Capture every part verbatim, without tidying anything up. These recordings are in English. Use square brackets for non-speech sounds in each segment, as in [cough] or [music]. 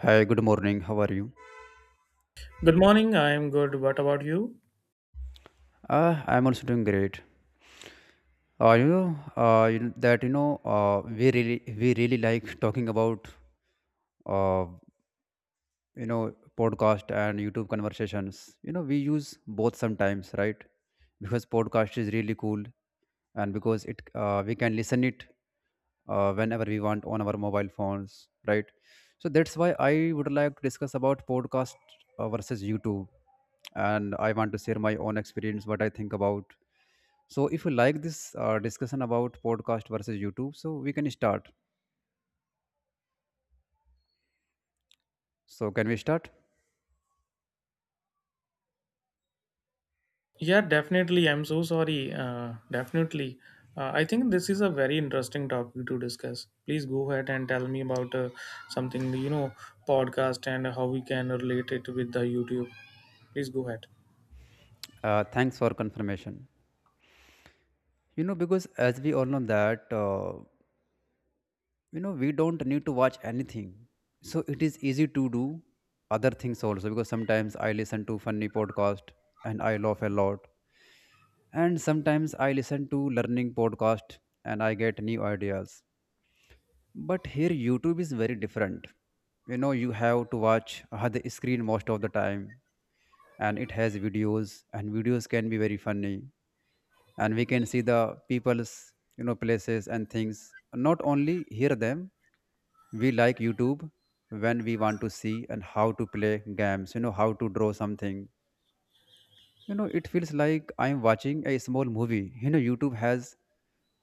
Hi, good morning. How are you? Good morning. I'm good. What about you? Uh, I'm also doing great. Uh, you know uh, you, kn- that you know uh, we really we really like talking about uh, you know podcast and YouTube conversations. You know we use both sometimes, right? Because podcast is really cool, and because it uh, we can listen it uh, whenever we want on our mobile phones, right? So that's why I would like to discuss about podcast uh, versus YouTube, and I want to share my own experience, what I think about. So, if you like this uh, discussion about podcast versus YouTube, so we can start. So, can we start? Yeah, definitely. I'm so sorry. Uh, definitely. Uh, I think this is a very interesting topic to discuss. Please go ahead and tell me about uh, something, you know, podcast and how we can relate it with the YouTube. Please go ahead. Uh, thanks for confirmation. You know, because as we all know that, uh, you know, we don't need to watch anything. So, it is easy to do other things also because sometimes I listen to funny podcast and I laugh a lot. And sometimes I listen to learning podcast and I get new ideas. But here YouTube is very different. You know, you have to watch uh, the screen most of the time, and it has videos, and videos can be very funny, and we can see the people's, you know, places and things, not only hear them. We like YouTube when we want to see and how to play games, you know, how to draw something. You know, it feels like I'm watching a small movie. You know, YouTube has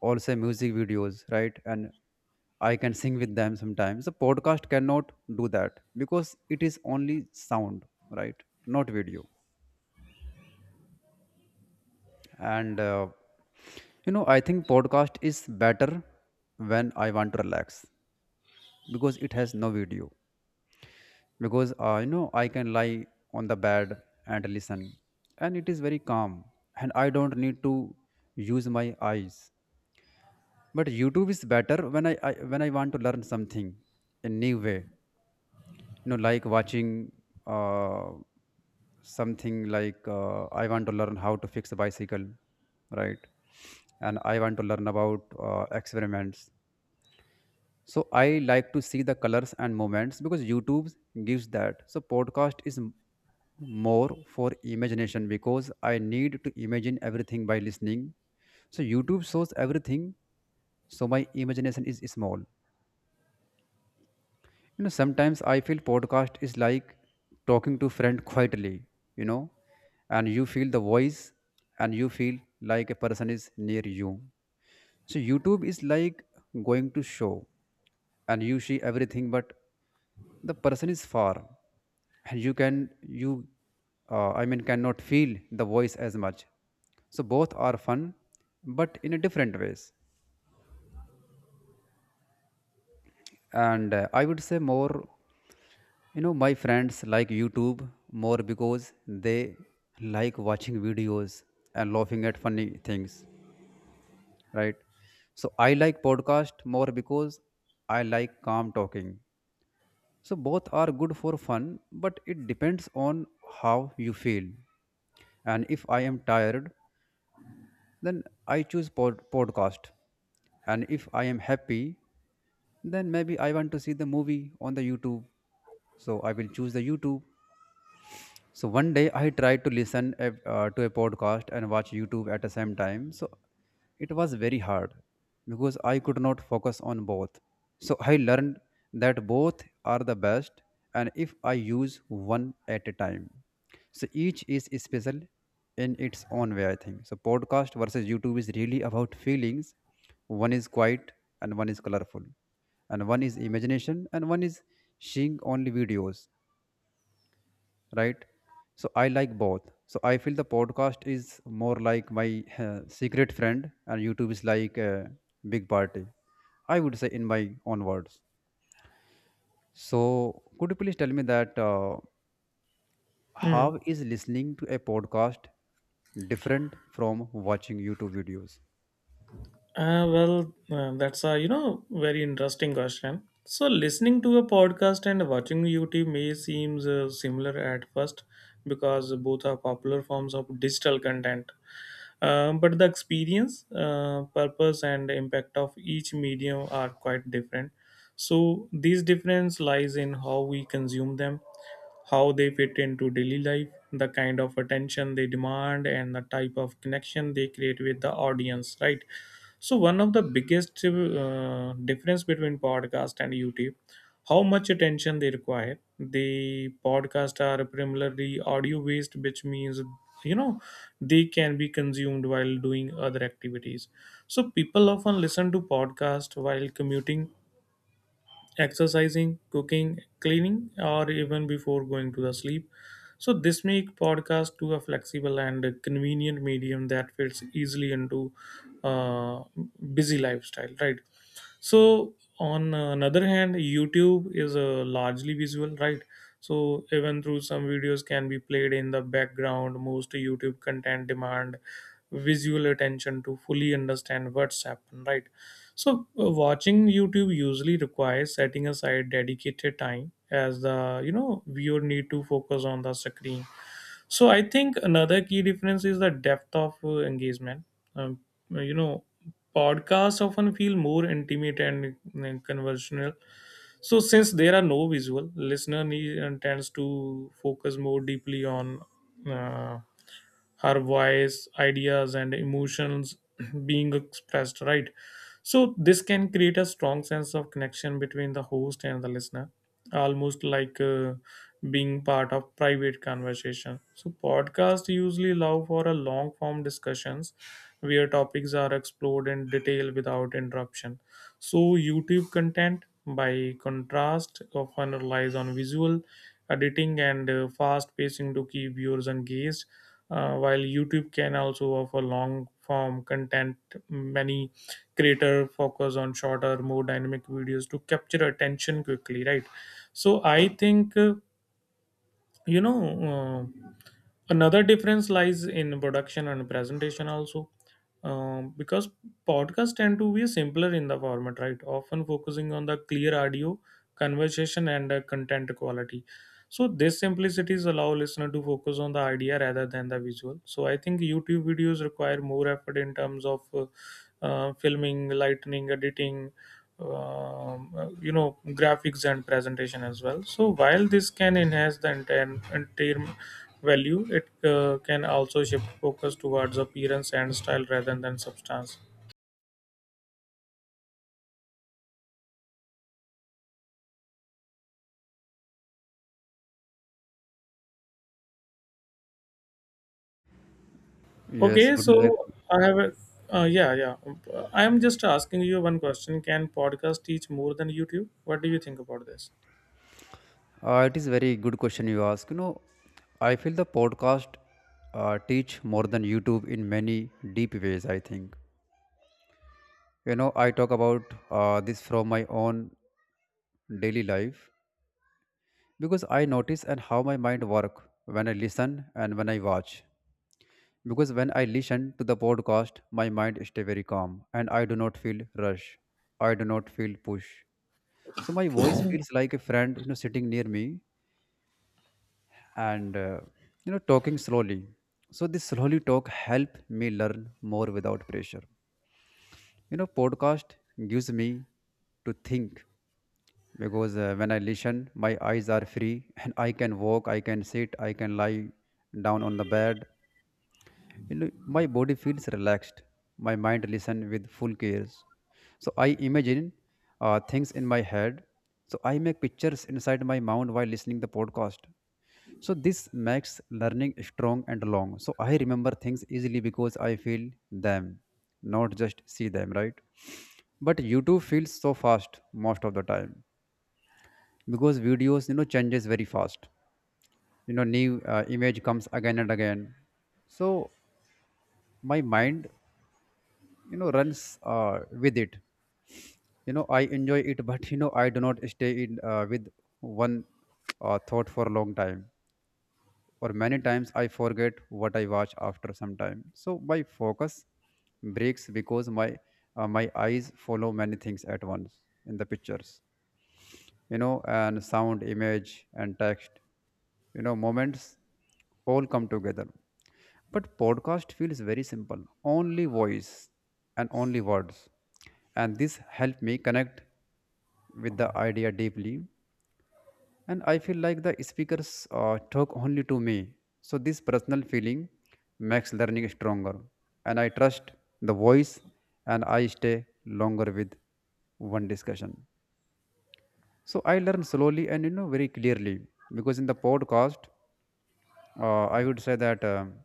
also music videos, right? And I can sing with them sometimes. The podcast cannot do that because it is only sound, right? Not video. And uh, you know I think podcast is better when I want to relax because it has no video, because uh, you know, I can lie on the bed and listen, and it is very calm, and I don't need to use my eyes. But YouTube is better when i, I when i want to learn something a new way, you know, like watching uh, something, like uh, I want to learn how to fix a bicycle, right? And I want to learn about uh, experiments. So I like to see the colors and movements because YouTube gives that. So podcast is m- more for imagination because I need to imagine everything by listening. So YouTube shows everything, so my imagination is small. You know, sometimes I feel podcast is like talking to friend quietly, you know, and you feel the voice, and you feel like a person is near you. So YouTube is like going to show, and you see everything, but the person is far, and you can you uh, I mean cannot feel the voice as much. So both are fun, but in a different ways. And uh, I would say more. You know, my friends like YouTube more because they like watching videos and laughing at funny things, right? So I like podcast more because I like calm talking. So both are good for fun, but it depends on how you feel. And if I am tired, then I choose pod- podcast. And if I am happy, then maybe I want to see the movie on the YouTube. So I will choose the YouTube. So one day I tried to listen a, uh, to a podcast and watch YouTube at the same time. So it was very hard because I could not focus on both. So I learned that both are the best and if I use one at a time. So each is special in its own way, I think. So podcast versus YouTube is really about feelings. One is quiet and one is colorful, and one is imagination and one is seeing only videos, right? So I like both. So I feel the podcast is more like my [laughs] uh, secret friend, and YouTube is like a big party, I would say in my own words. So could you please tell me that uh, Hmm. how is listening to a podcast different from watching YouTube videos? Uh, well, uh, that's a you know very interesting question. So listening to a podcast and watching YouTube may seems uh, similar at first because both are popular forms of digital content. Um, but the experience, uh, purpose, and impact of each medium are quite different. So this difference lies in how we consume them, how they fit into daily life, the kind of attention they demand, and the type of connection they create with the audience, right? So one of the biggest uh, difference between podcast and YouTube, how much attention they require. The podcast are primarily audio based, which means you know they can be consumed while doing other activities, so people often listen to podcasts while commuting, exercising, cooking, cleaning, or even before going to the sleep. So this make podcast to a flexible and convenient medium that fits easily into uh, busy lifestyle, right? So on another hand, YouTube is uh, largely visual, right? So even through some videos can be played in the background, most YouTube content demand visual attention to fully understand what's happened, right? So uh, watching YouTube usually requires setting aside dedicated time as the you know viewer need to focus on the screen. So I think another key difference is the depth of uh, engagement. Um, you know, podcasts often feel more intimate and uh, conversational. So since there are no visual, listener need, uh, tends to focus more deeply on uh, her voice, ideas, and emotions [clears throat] being expressed. Right. So this can create a strong sense of connection between the host and the listener, almost like. Uh, being part of private conversation. So podcasts usually allow for a long form discussions where topics are explored in detail without interruption. So YouTube content, by contrast, often relies on visual editing and uh, fast pacing to keep viewers engaged. Uh, while YouTube can also offer long form content, many creator focus on shorter, more dynamic videos to capture attention quickly, right? So I think uh, you know uh, another difference lies in production and presentation also, um, because podcasts tend to be simpler in the format, right, often focusing on the clear audio conversation and uh, content quality. So these simplicities allow listener to focus on the idea rather than the visual. So I think YouTube videos require more effort in terms of uh, uh, filming, lightning, editing, um, uh, you know graphics and presentation as well. So while this can enhance the entire, entire value, it uh, can also shift focus towards appearance and style rather than substance. Okay, Yes, would so you like... I have a uh, yeah, yeah, I am just asking you one question. Can podcast teach more than YouTube? What do you think about this? Uh, it is very good question you ask, you know. I feel the podcast uh, teach more than YouTube in many deep ways, I think. You know, I talk about uh, this from my own daily life because I notice and how my mind work when I listen and when I watch. Because when I listen to the podcast, my mind stay very calm, and I do not feel rush, I do not feel push. So my voice feels like a friend, you know, sitting near me and uh, you know, talking slowly. So this slowly talk help me learn more without pressure. You know, podcast gives me to think because uh, when I listen, my eyes are free, [laughs] and I can walk, I can sit, I can lie down on the bed. You know, my body feels relaxed. My mind listens with full cares. So I imagine uh, things in my head. So I make pictures inside my mind while listening the podcast. So this makes learning strong and long. So I remember things easily because I feel them, not just see them, right? But YouTube feels so fast most of the time because videos, you know, changes very fast. You know, new uh, image comes again and again. So my mind, you know, runs uh, with it. You know, I enjoy it, [laughs] but you know, I do not stay in uh, with one uh, thought for a long time. Or many times I forget what I watch after some time. So my focus breaks because my uh, my eyes follow many things at once in the pictures, you know, and sound, image, and text, you know, moments all come together. But podcast feels very simple, only voice and only words. And this helped me connect with the idea deeply. And I feel like the speakers uh, talk only to me. So this personal feeling makes learning stronger. And I trust the voice, and I stay longer with one discussion. So I learned slowly and, you know, very clearly because in the podcast, uh, I would say that, um,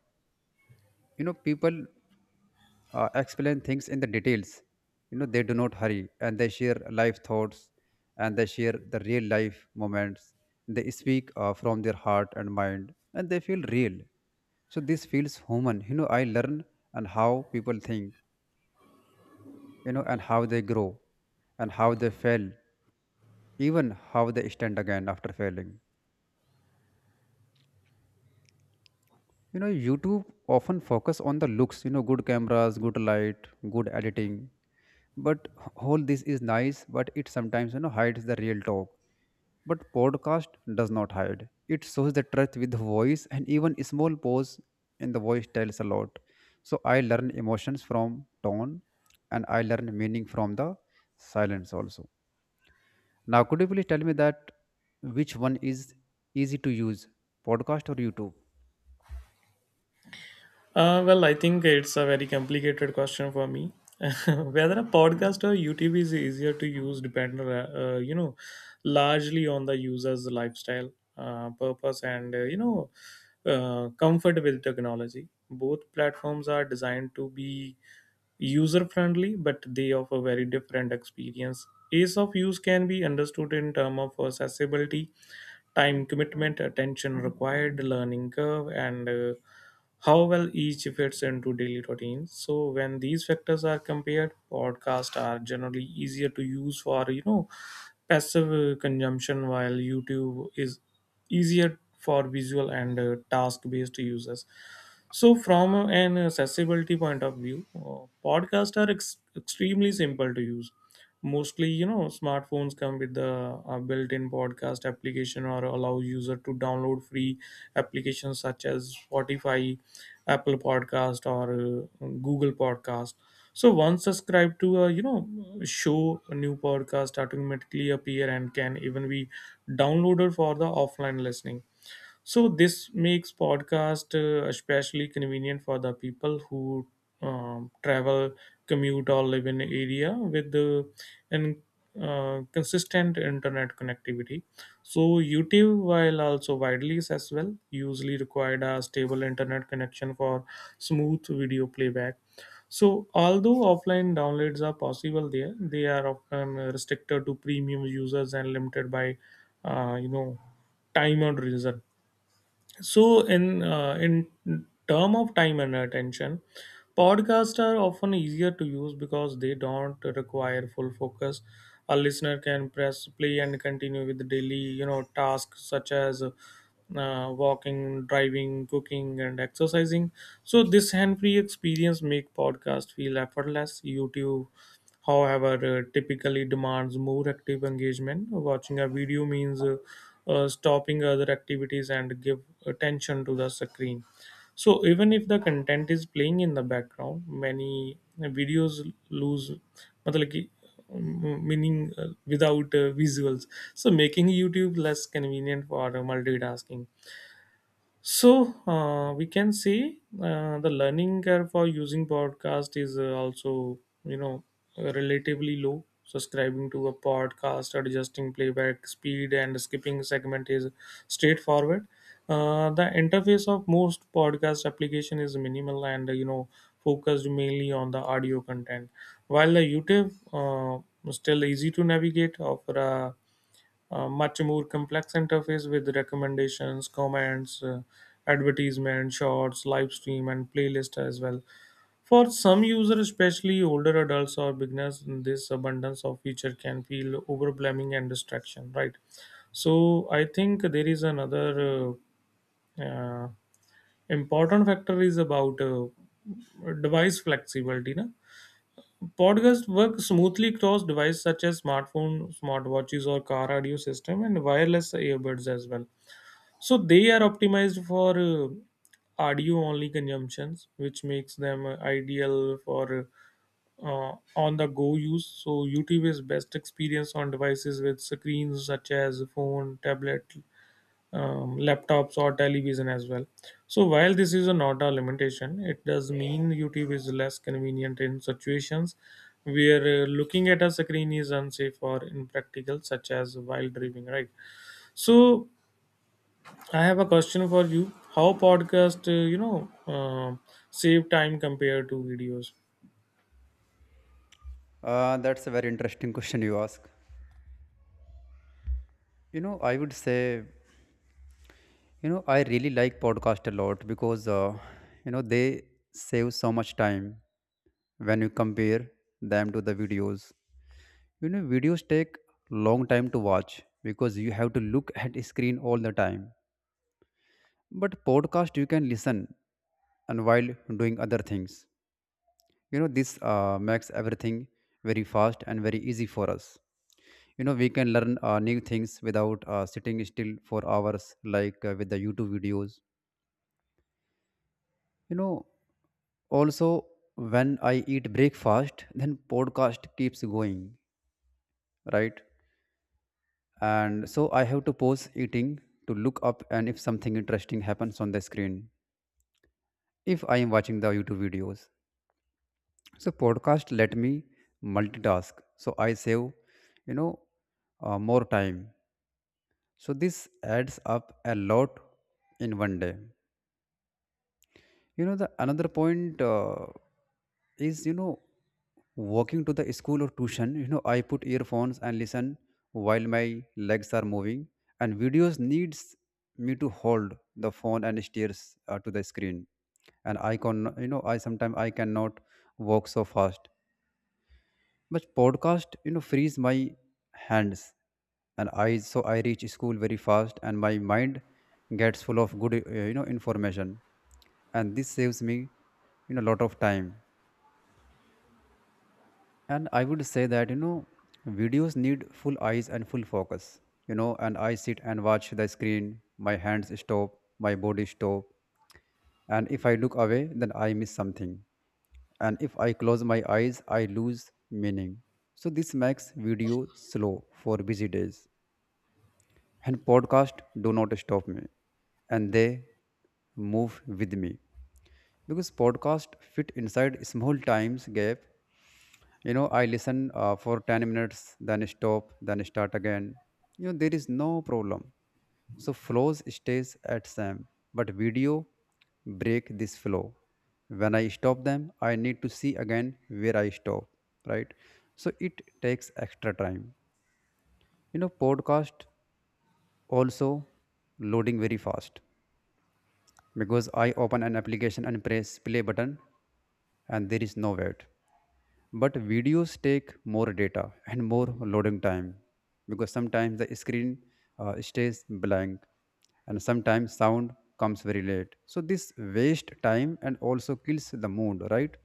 you know, people uh, explain things in the details. You know, they do not hurry, and they share life thoughts, and they share the real life moments. They speak uh, from their heart and mind, and they feel real. So this feels human. You know, I learn and how people think, you know, and how they grow, and how they fail, even how they stand again after failing. You know, YouTube often focus on the looks, you know, good cameras, good light, good editing. But all this is nice, but it sometimes, you know, hides the real talk. But podcast does not hide, it shows the truth with the voice, and even a small pause in the voice tells a lot. So I learn emotions from tone, and I learn meaning from the silence also. Now could you please tell me that which one is easy to use, podcast or YouTube? Uh, well, I think it's a very complicated question for me. [laughs] Whether a podcast or YouTube is easier to use depends, uh, uh, you know, largely on the user's lifestyle, uh, purpose, and uh, you know, uh, comfort with technology. Both platforms are designed to be user friendly, but they offer very different experience. Ease of use can be understood in terms of accessibility, time commitment, attention required, learning curve, and uh, how well each fits into daily routines. So when these factors are compared, podcasts are generally easier to use for you know passive uh, consumption, while YouTube is easier for visual and uh, task-based users. So from an accessibility point of view, uh, podcasts are ex- extremely simple to use. Mostly, you know, smartphones come with the uh, built-in podcast application or allow user to download free applications such as Spotify, Apple Podcast, or uh, Google Podcast. So once subscribed to a you know show, a new podcast automatically appear and can even be downloaded for the offline listening. So this makes podcast uh, especially convenient for the people who um, travel, commute, or live in area with the and uh, consistent internet connectivity. So YouTube, while also widely accessible, usually required a stable internet connection for smooth video playback. So although offline downloads are possible there, they are often restricted to premium users and limited by, uh, you know, time and reason. So in uh, in term of time and attention, podcasts are often easier to use because they don't require full focus. A listener can press play and continue with daily, you know, tasks such as uh, walking, driving, cooking, and exercising. So this hand-free experience make podcast feel effortless. YouTube however, uh, typically demands more active engagement. Watching a video means uh, uh, stopping other activities and give attention to the screen. So even if the content is playing in the background, many videos lose मतलब कि, um, meaning uh, without uh, visuals. So making YouTube less convenient for uh, multitasking. So uh, we can see uh, the learning curve for using podcast is uh, also you know relatively low. Subscribing to a podcast, adjusting playback speed, and skipping segment is straightforward. Uh, the interface of most podcast application is minimal and you know focused mainly on the audio content, while the YouTube, uh, still easy to navigate, offer a a much more complex interface with recommendations, comments, uh, advertisement, shorts, live stream, and playlist as well. For some users, especially older adults or beginners, this abundance of feature can feel overwhelming and distraction, right? So I think there is another uh, uh, important factor is about uh, device flexibility, na? Podcasts work smoothly across devices such as smartphones, smartwatches, or car audio system, and wireless earbuds as well. So they are optimized for uh, audio-only consumptions, which makes them uh, ideal for uh, on-the-go use. So YouTube is best experience on devices with screens such as phone, tablet, um, laptops, or television as well. So while this is a not a limitation, it does mean YouTube is less convenient in situations where uh, looking at a screen is unsafe or impractical, such as while driving. Right. So I have a question for you: how podcast, uh, you know, uh, save time compared to videos? Uh, that's a very interesting question you ask. You know, I would say, you know, I really like podcast a lot because, uh, you know, they save so much time when you compare them to the videos. You know, videos take long time to watch because you have to look at a screen all the time. But podcast you can listen and while doing other things. You know, this uh, makes everything very fast and very easy for us. You know, we can learn uh, new things without uh, sitting still for hours like uh, with the YouTube videos. You know, also when I eat breakfast, then podcast keeps going, right? And so I have to pause eating to look up and if something interesting happens on the screen, if I am watching the YouTube videos. So podcast let me multitask, so I save, you know, uh, more time. So this adds up a lot in one day. You know, the another point uh, is, you know, walking to the school or tuition. You know, I put earphones and listen while my legs are moving, and videos needs me to hold the phone and stares uh, to the screen, and I can you know I sometimes I cannot walk so fast. But podcast, you know, frees my hands and eyes, so I reach school very fast, and my mind gets full of good, uh, you know, information, and this saves me, you know, a lot of time. And I would say that, you know, videos need full eyes and full focus, you know, and I sit and watch the screen, my hands stop, my body stop. And if I look away, then I miss something. And if I close my eyes, I lose meaning. So this makes video slow for busy days. And podcast do not stop me. And they move with me. Because podcast fit inside small times gap. You know I listen uh, for ten minutes, then stop, then start again. You know, there is no problem, so flows stays at same. But video break this flow. When I stop them, I need to see again where I stop, right? So it takes extra time. You know, podcast also loading very fast because I open an application and press play button and there is no wait. But videos take more data and more loading time because sometimes the screen, uh, stays blank, and sometimes sound comes very late, so this waste time and also kills the mood, right?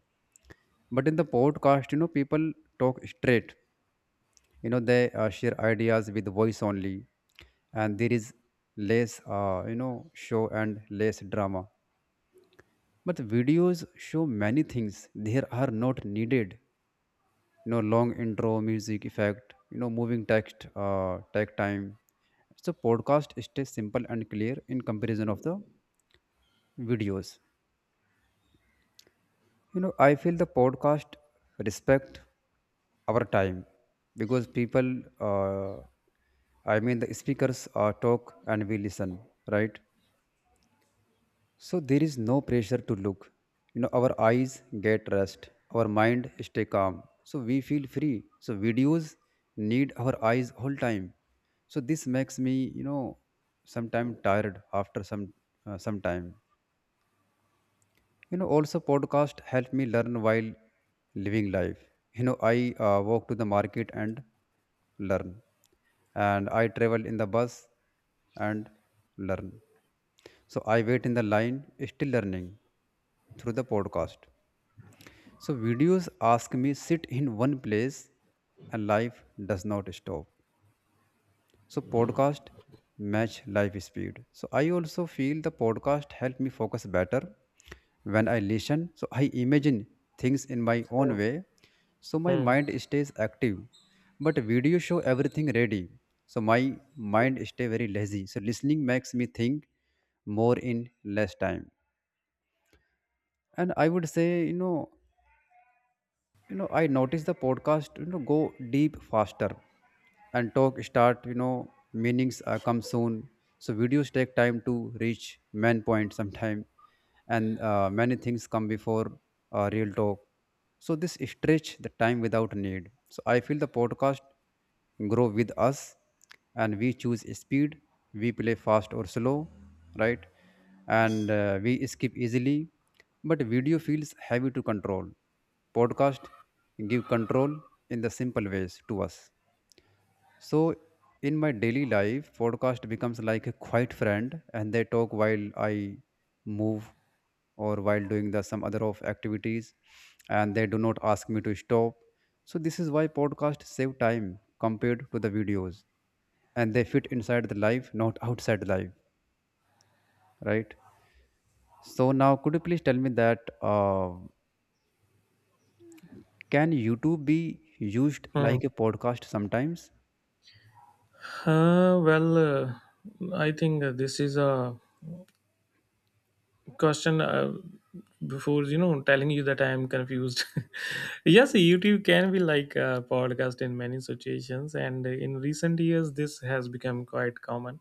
But in the podcast, you know, people talk straight. You know, they uh, share ideas with voice only, and there is less, uh, you know show and less drama. But videos show many things there are not needed. You know, long intro, music effect, you know, moving text, uh, tag time. So podcast stays simple and clear in comparison of the videos. You know, I feel the podcast respect our time because people, uh, I mean the speakers, uh, talk and we listen, right? So there is no pressure to look. You know, our eyes get rest, our mind stay calm. So we feel free. So videos need our eyes whole time. So this makes me, you know, sometime tired after some uh, some time. You know, also podcast help me learn while living life. You know, i uh, walk to the market and learn, and i travel in the bus and learn, so i wait in the line, still learning through the podcast. So videos ask me sit in one place and life does not stop. So podcast match life speed. So i also feel the podcast help me focus better when i listen. So i imagine things in my own Hmm. way. So my Hmm. mind stays active. But video show everything ready. So my mind stay very lazy. So listening makes me think more in less time. And I would say, you know, you know, I notice the podcast, you know, go deep faster, and talk start, you know, meanings uh, come soon. So videos take time to reach main point sometime, and uh, many things come before uh, real talk. So this stretch the time without need. So I feel the podcast grow with us, and we choose speed. We play fast or slow, right? And uh, we skip easily, but video feels heavy to control. Podcast give control in the simple ways to us. So, in my daily life, podcast becomes like a quiet friend, and they talk while i move or while doing the some other of activities, and they do not ask me to stop. So this is why podcast save time compared to the videos, and they fit inside the life, not outside the life, right? So now, could you please tell me that uh, can YouTube be used Hmm. like a podcast sometimes? Uh, well, uh, I think uh, this is a question, uh, before you know telling you that I am confused. [laughs] Yes, YouTube can be like a podcast in many situations, and in recent years this has become quite common.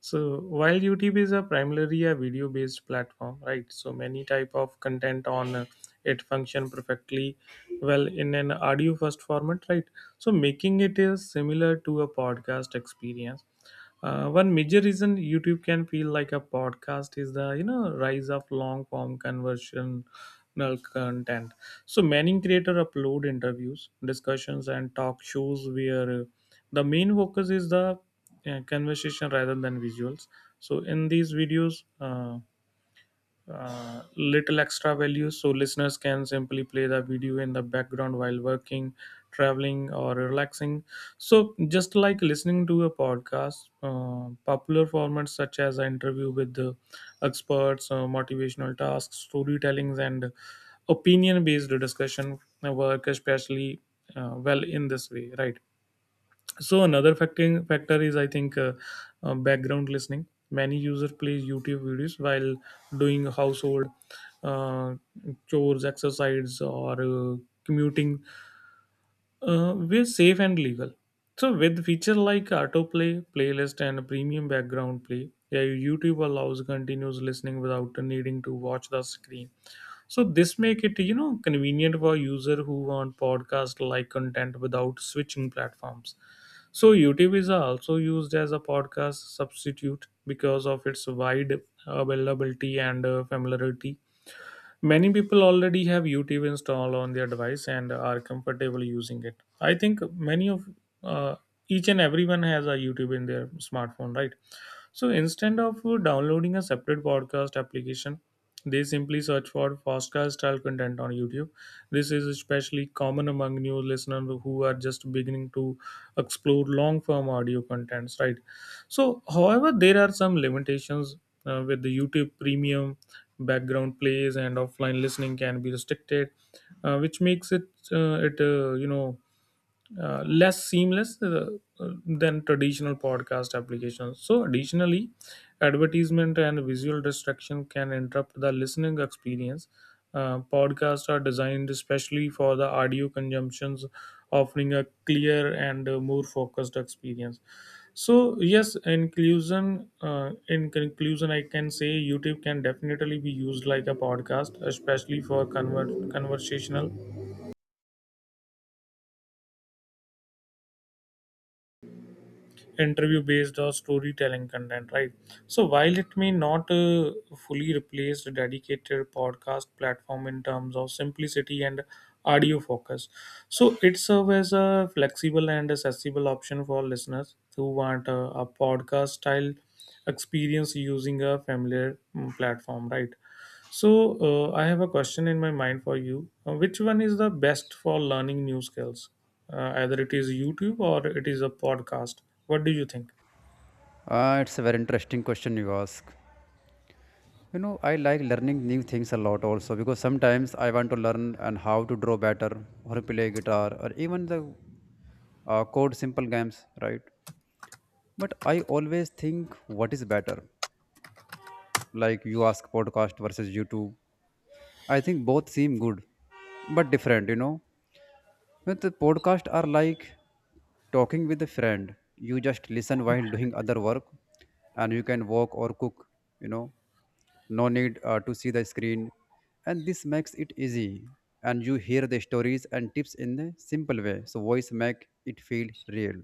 So while YouTube is a primarily a video based platform, right, so many type of content on uh, it function perfectly well in an audio first format, right? So making it is similar to a podcast experience. Uh, one major reason YouTube can feel like a podcast is the you know rise of long form conversational content. So many creator upload interviews, discussions, and talk shows where uh, the main focus is the uh, conversation rather than visuals. So in these videos. Uh, uh, little extra value, so listeners can simply play the video in the background while working, traveling, or relaxing. So just like listening to a podcast, uh, popular formats such as an interview with the experts, uh, motivational tasks, storytellings, and opinion based discussion work especially uh, well in this way, right? So another factor factor is I think uh, uh, background listening. Many users play YouTube videos while doing household uh, chores, exercise, or uh, commuting, uh, we're safe and legal. So with feature like autoplay, playlist, and premium background play, yeah, YouTube allows continuous listening without needing to watch the screen. So this make it, you know convenient for user who want podcast like content without switching platforms. So YouTube is also used as a podcast substitute because of its wide availability and uh, familiarity. Many people already have YouTube installed on their device and are comfortable using it. I think many of uh, each and everyone has a YouTube in their smartphone, right? So instead of downloading a separate podcast application, they simply search for podcast style content on YouTube. This is especially common among new listeners who are just beginning to explore long form audio contents, right? So, however, there are some limitations uh, with the YouTube Premium. Background plays and offline listening can be restricted, uh, which makes it uh, it uh, you know uh, less seamless uh, uh, than traditional podcast applications. So additionally, advertisement and visual distraction can interrupt the listening experience. Uh, podcasts are designed especially for the audio consumptions, offering a clear and uh, more focused experience. So, yes, inclusion. Uh, in conclusion, I can say YouTube can definitely be used like a podcast, especially for conver- conversational, interview based, or storytelling content, right? So while it may not uh, fully replace the dedicated podcast platform in terms of simplicity and audio focus, so it serves as a flexible and accessible option for listeners who want a, a podcast style experience using a familiar mm, platform, right? So, uh, I have a question in my mind for you. Uh, which one is the best for learning new skills? Uh, either it is YouTube or it is a podcast. What do you think? Uh, it's a very interesting question you ask. You know, i like learning new things a lot also because sometimes i want to learn and how to draw better or play guitar or even the uh, code simple games, right? But i always think what is better. Like you ask podcast versus YouTube. I think both seem good, but different, you know. But the podcast are like talking with a friend. You just listen while doing other work, and you can walk or cook. You know, no need uh, to see the screen, and this makes it easy. And you hear the stories and tips in a simple way. So voice make it feel real.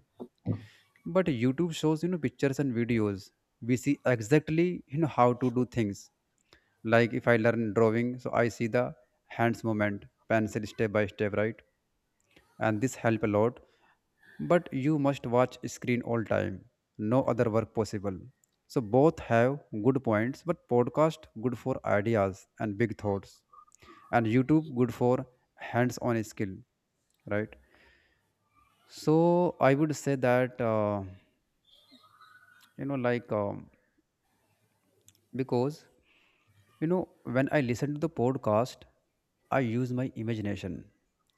But YouTube shows, you know, pictures and videos. We see exactly, you know, how to do things. Like if I learn drawing, so I see the hands movement, pencil step by step, right? And this help a lot. But you must watch screen all time. No other work possible. So both have good points, but podcast good for ideas and big thoughts, and YouTube good for hands on skill, right? So I would say that, uh, you know like um, because, you know, when I listen to the podcast, I use my imagination,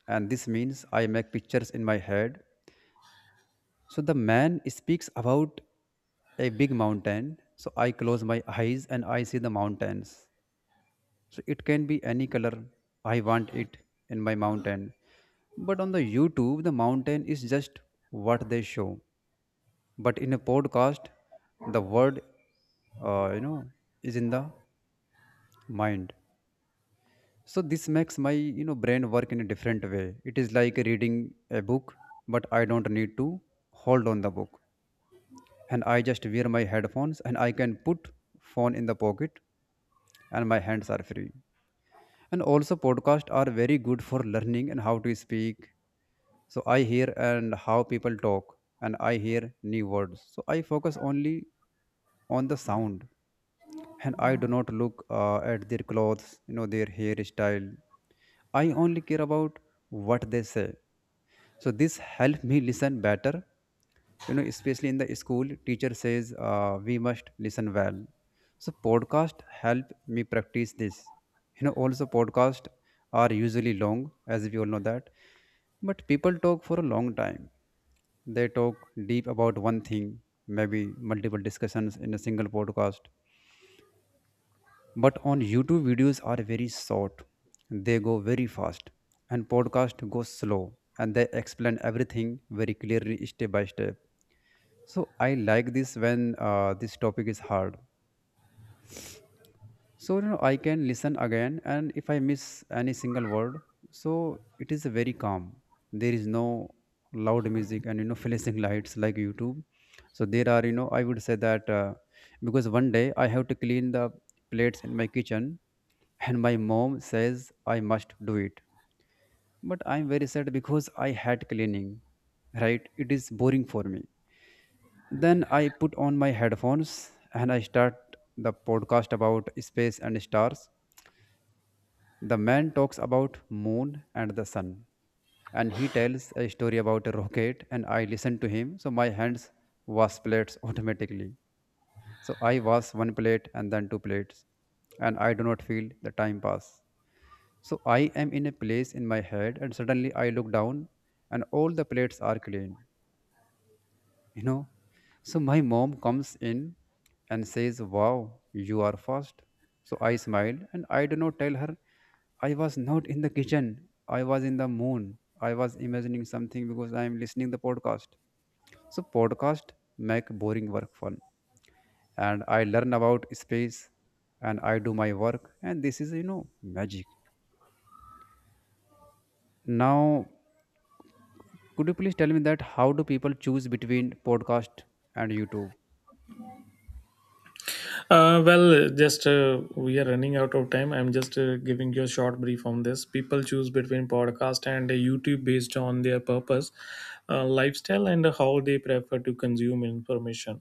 and this means I make pictures in my head. So the man speaks about a big mountain. So i close my eyes and i see the mountains. So it can be any color i want it in my mountain. But on the YouTube, the mountain is just what they show. But in a podcast, the word, uh, you know, is in the mind. So this makes my, you know, brain work in a different way. It is like reading a book, but i don't need to hold on the book. And i just wear my headphones and i can put phone in the pocket and my hands are free. And also podcasts are very good for learning and how to speak. So i hear and how people talk and i hear new words. So i focus only on the sound and i do not look uh, at their clothes, you know, their hairstyle. I only care about what they say. So this helped me listen better, you know, especially in the school teacher says uh, we must listen well. So podcast help me practice this. You know, also podcast are usually long, as we all know that. But people talk for a long time. They talk deep about one thing, maybe multiple discussions in a single podcast. But on YouTube, videos are very short, they go very fast, and podcast goes slow, and they explain everything very clearly, step by step. So i like this when uh, this topic is hard. So, you know, i can listen again, and if i miss any single word, so it is very calm. There is no loud music and, you know, [laughs] flashing lights like YouTube. So there are, you know, i would say that, uh, because one day i have to clean the plates in my kitchen, and my mom says i must do it. But i'm very sad because i had cleaning, right? It is boring for me. Then i put on my headphones and i start the podcast about space and stars. The man talks about moon and the sun, and he tells a story about a rocket, and i listened to him, so my hands wash plates [laughs] automatically. So i wash one plate and then two plates, and i do not feel the time pass. So i am in a place in my head, and suddenly i look down and all the plates are clean, you know. So my mom comes in and says, wow, you are fast. So I smiled and I do not tell her I was not in the kitchen. I was in the moon. I was imagining something because I am listening the podcast. So podcast make boring work fun, and I learn about space, and I do my work, and this is, you know, magic. Now, could you please tell me that how do people choose between podcast and YouTube? Uh, well, just uh, we are running out of time. I'm just uh, giving you a short brief on this. People choose between podcast and uh, YouTube based on their purpose, uh, lifestyle, and how they prefer to consume information.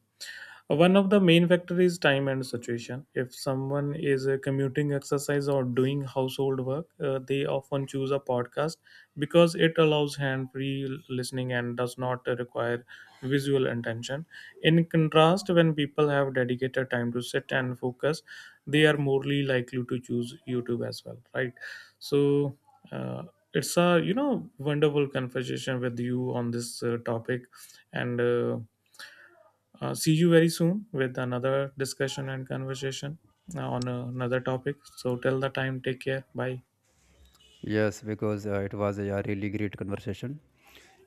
One of the main factors is time and situation. If someone is uh, commuting, exercise, or doing household work, uh, they often choose a podcast because it allows hand free listening and does not require visual attention. In contrast, when people have dedicated time to sit and focus, they are morely likely to choose YouTube as well, right? So, uh, it's a you know wonderful conversation with you on this uh, topic, and uh, uh, see you very soon with another discussion and conversation uh, on uh, another topic. So till the time, take care. Bye. Yes, because uh, it was a, yeah, really great conversation.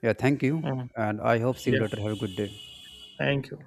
Yeah, thank you. Uh, And i hope see you yeah, later. Have a good day. thank you.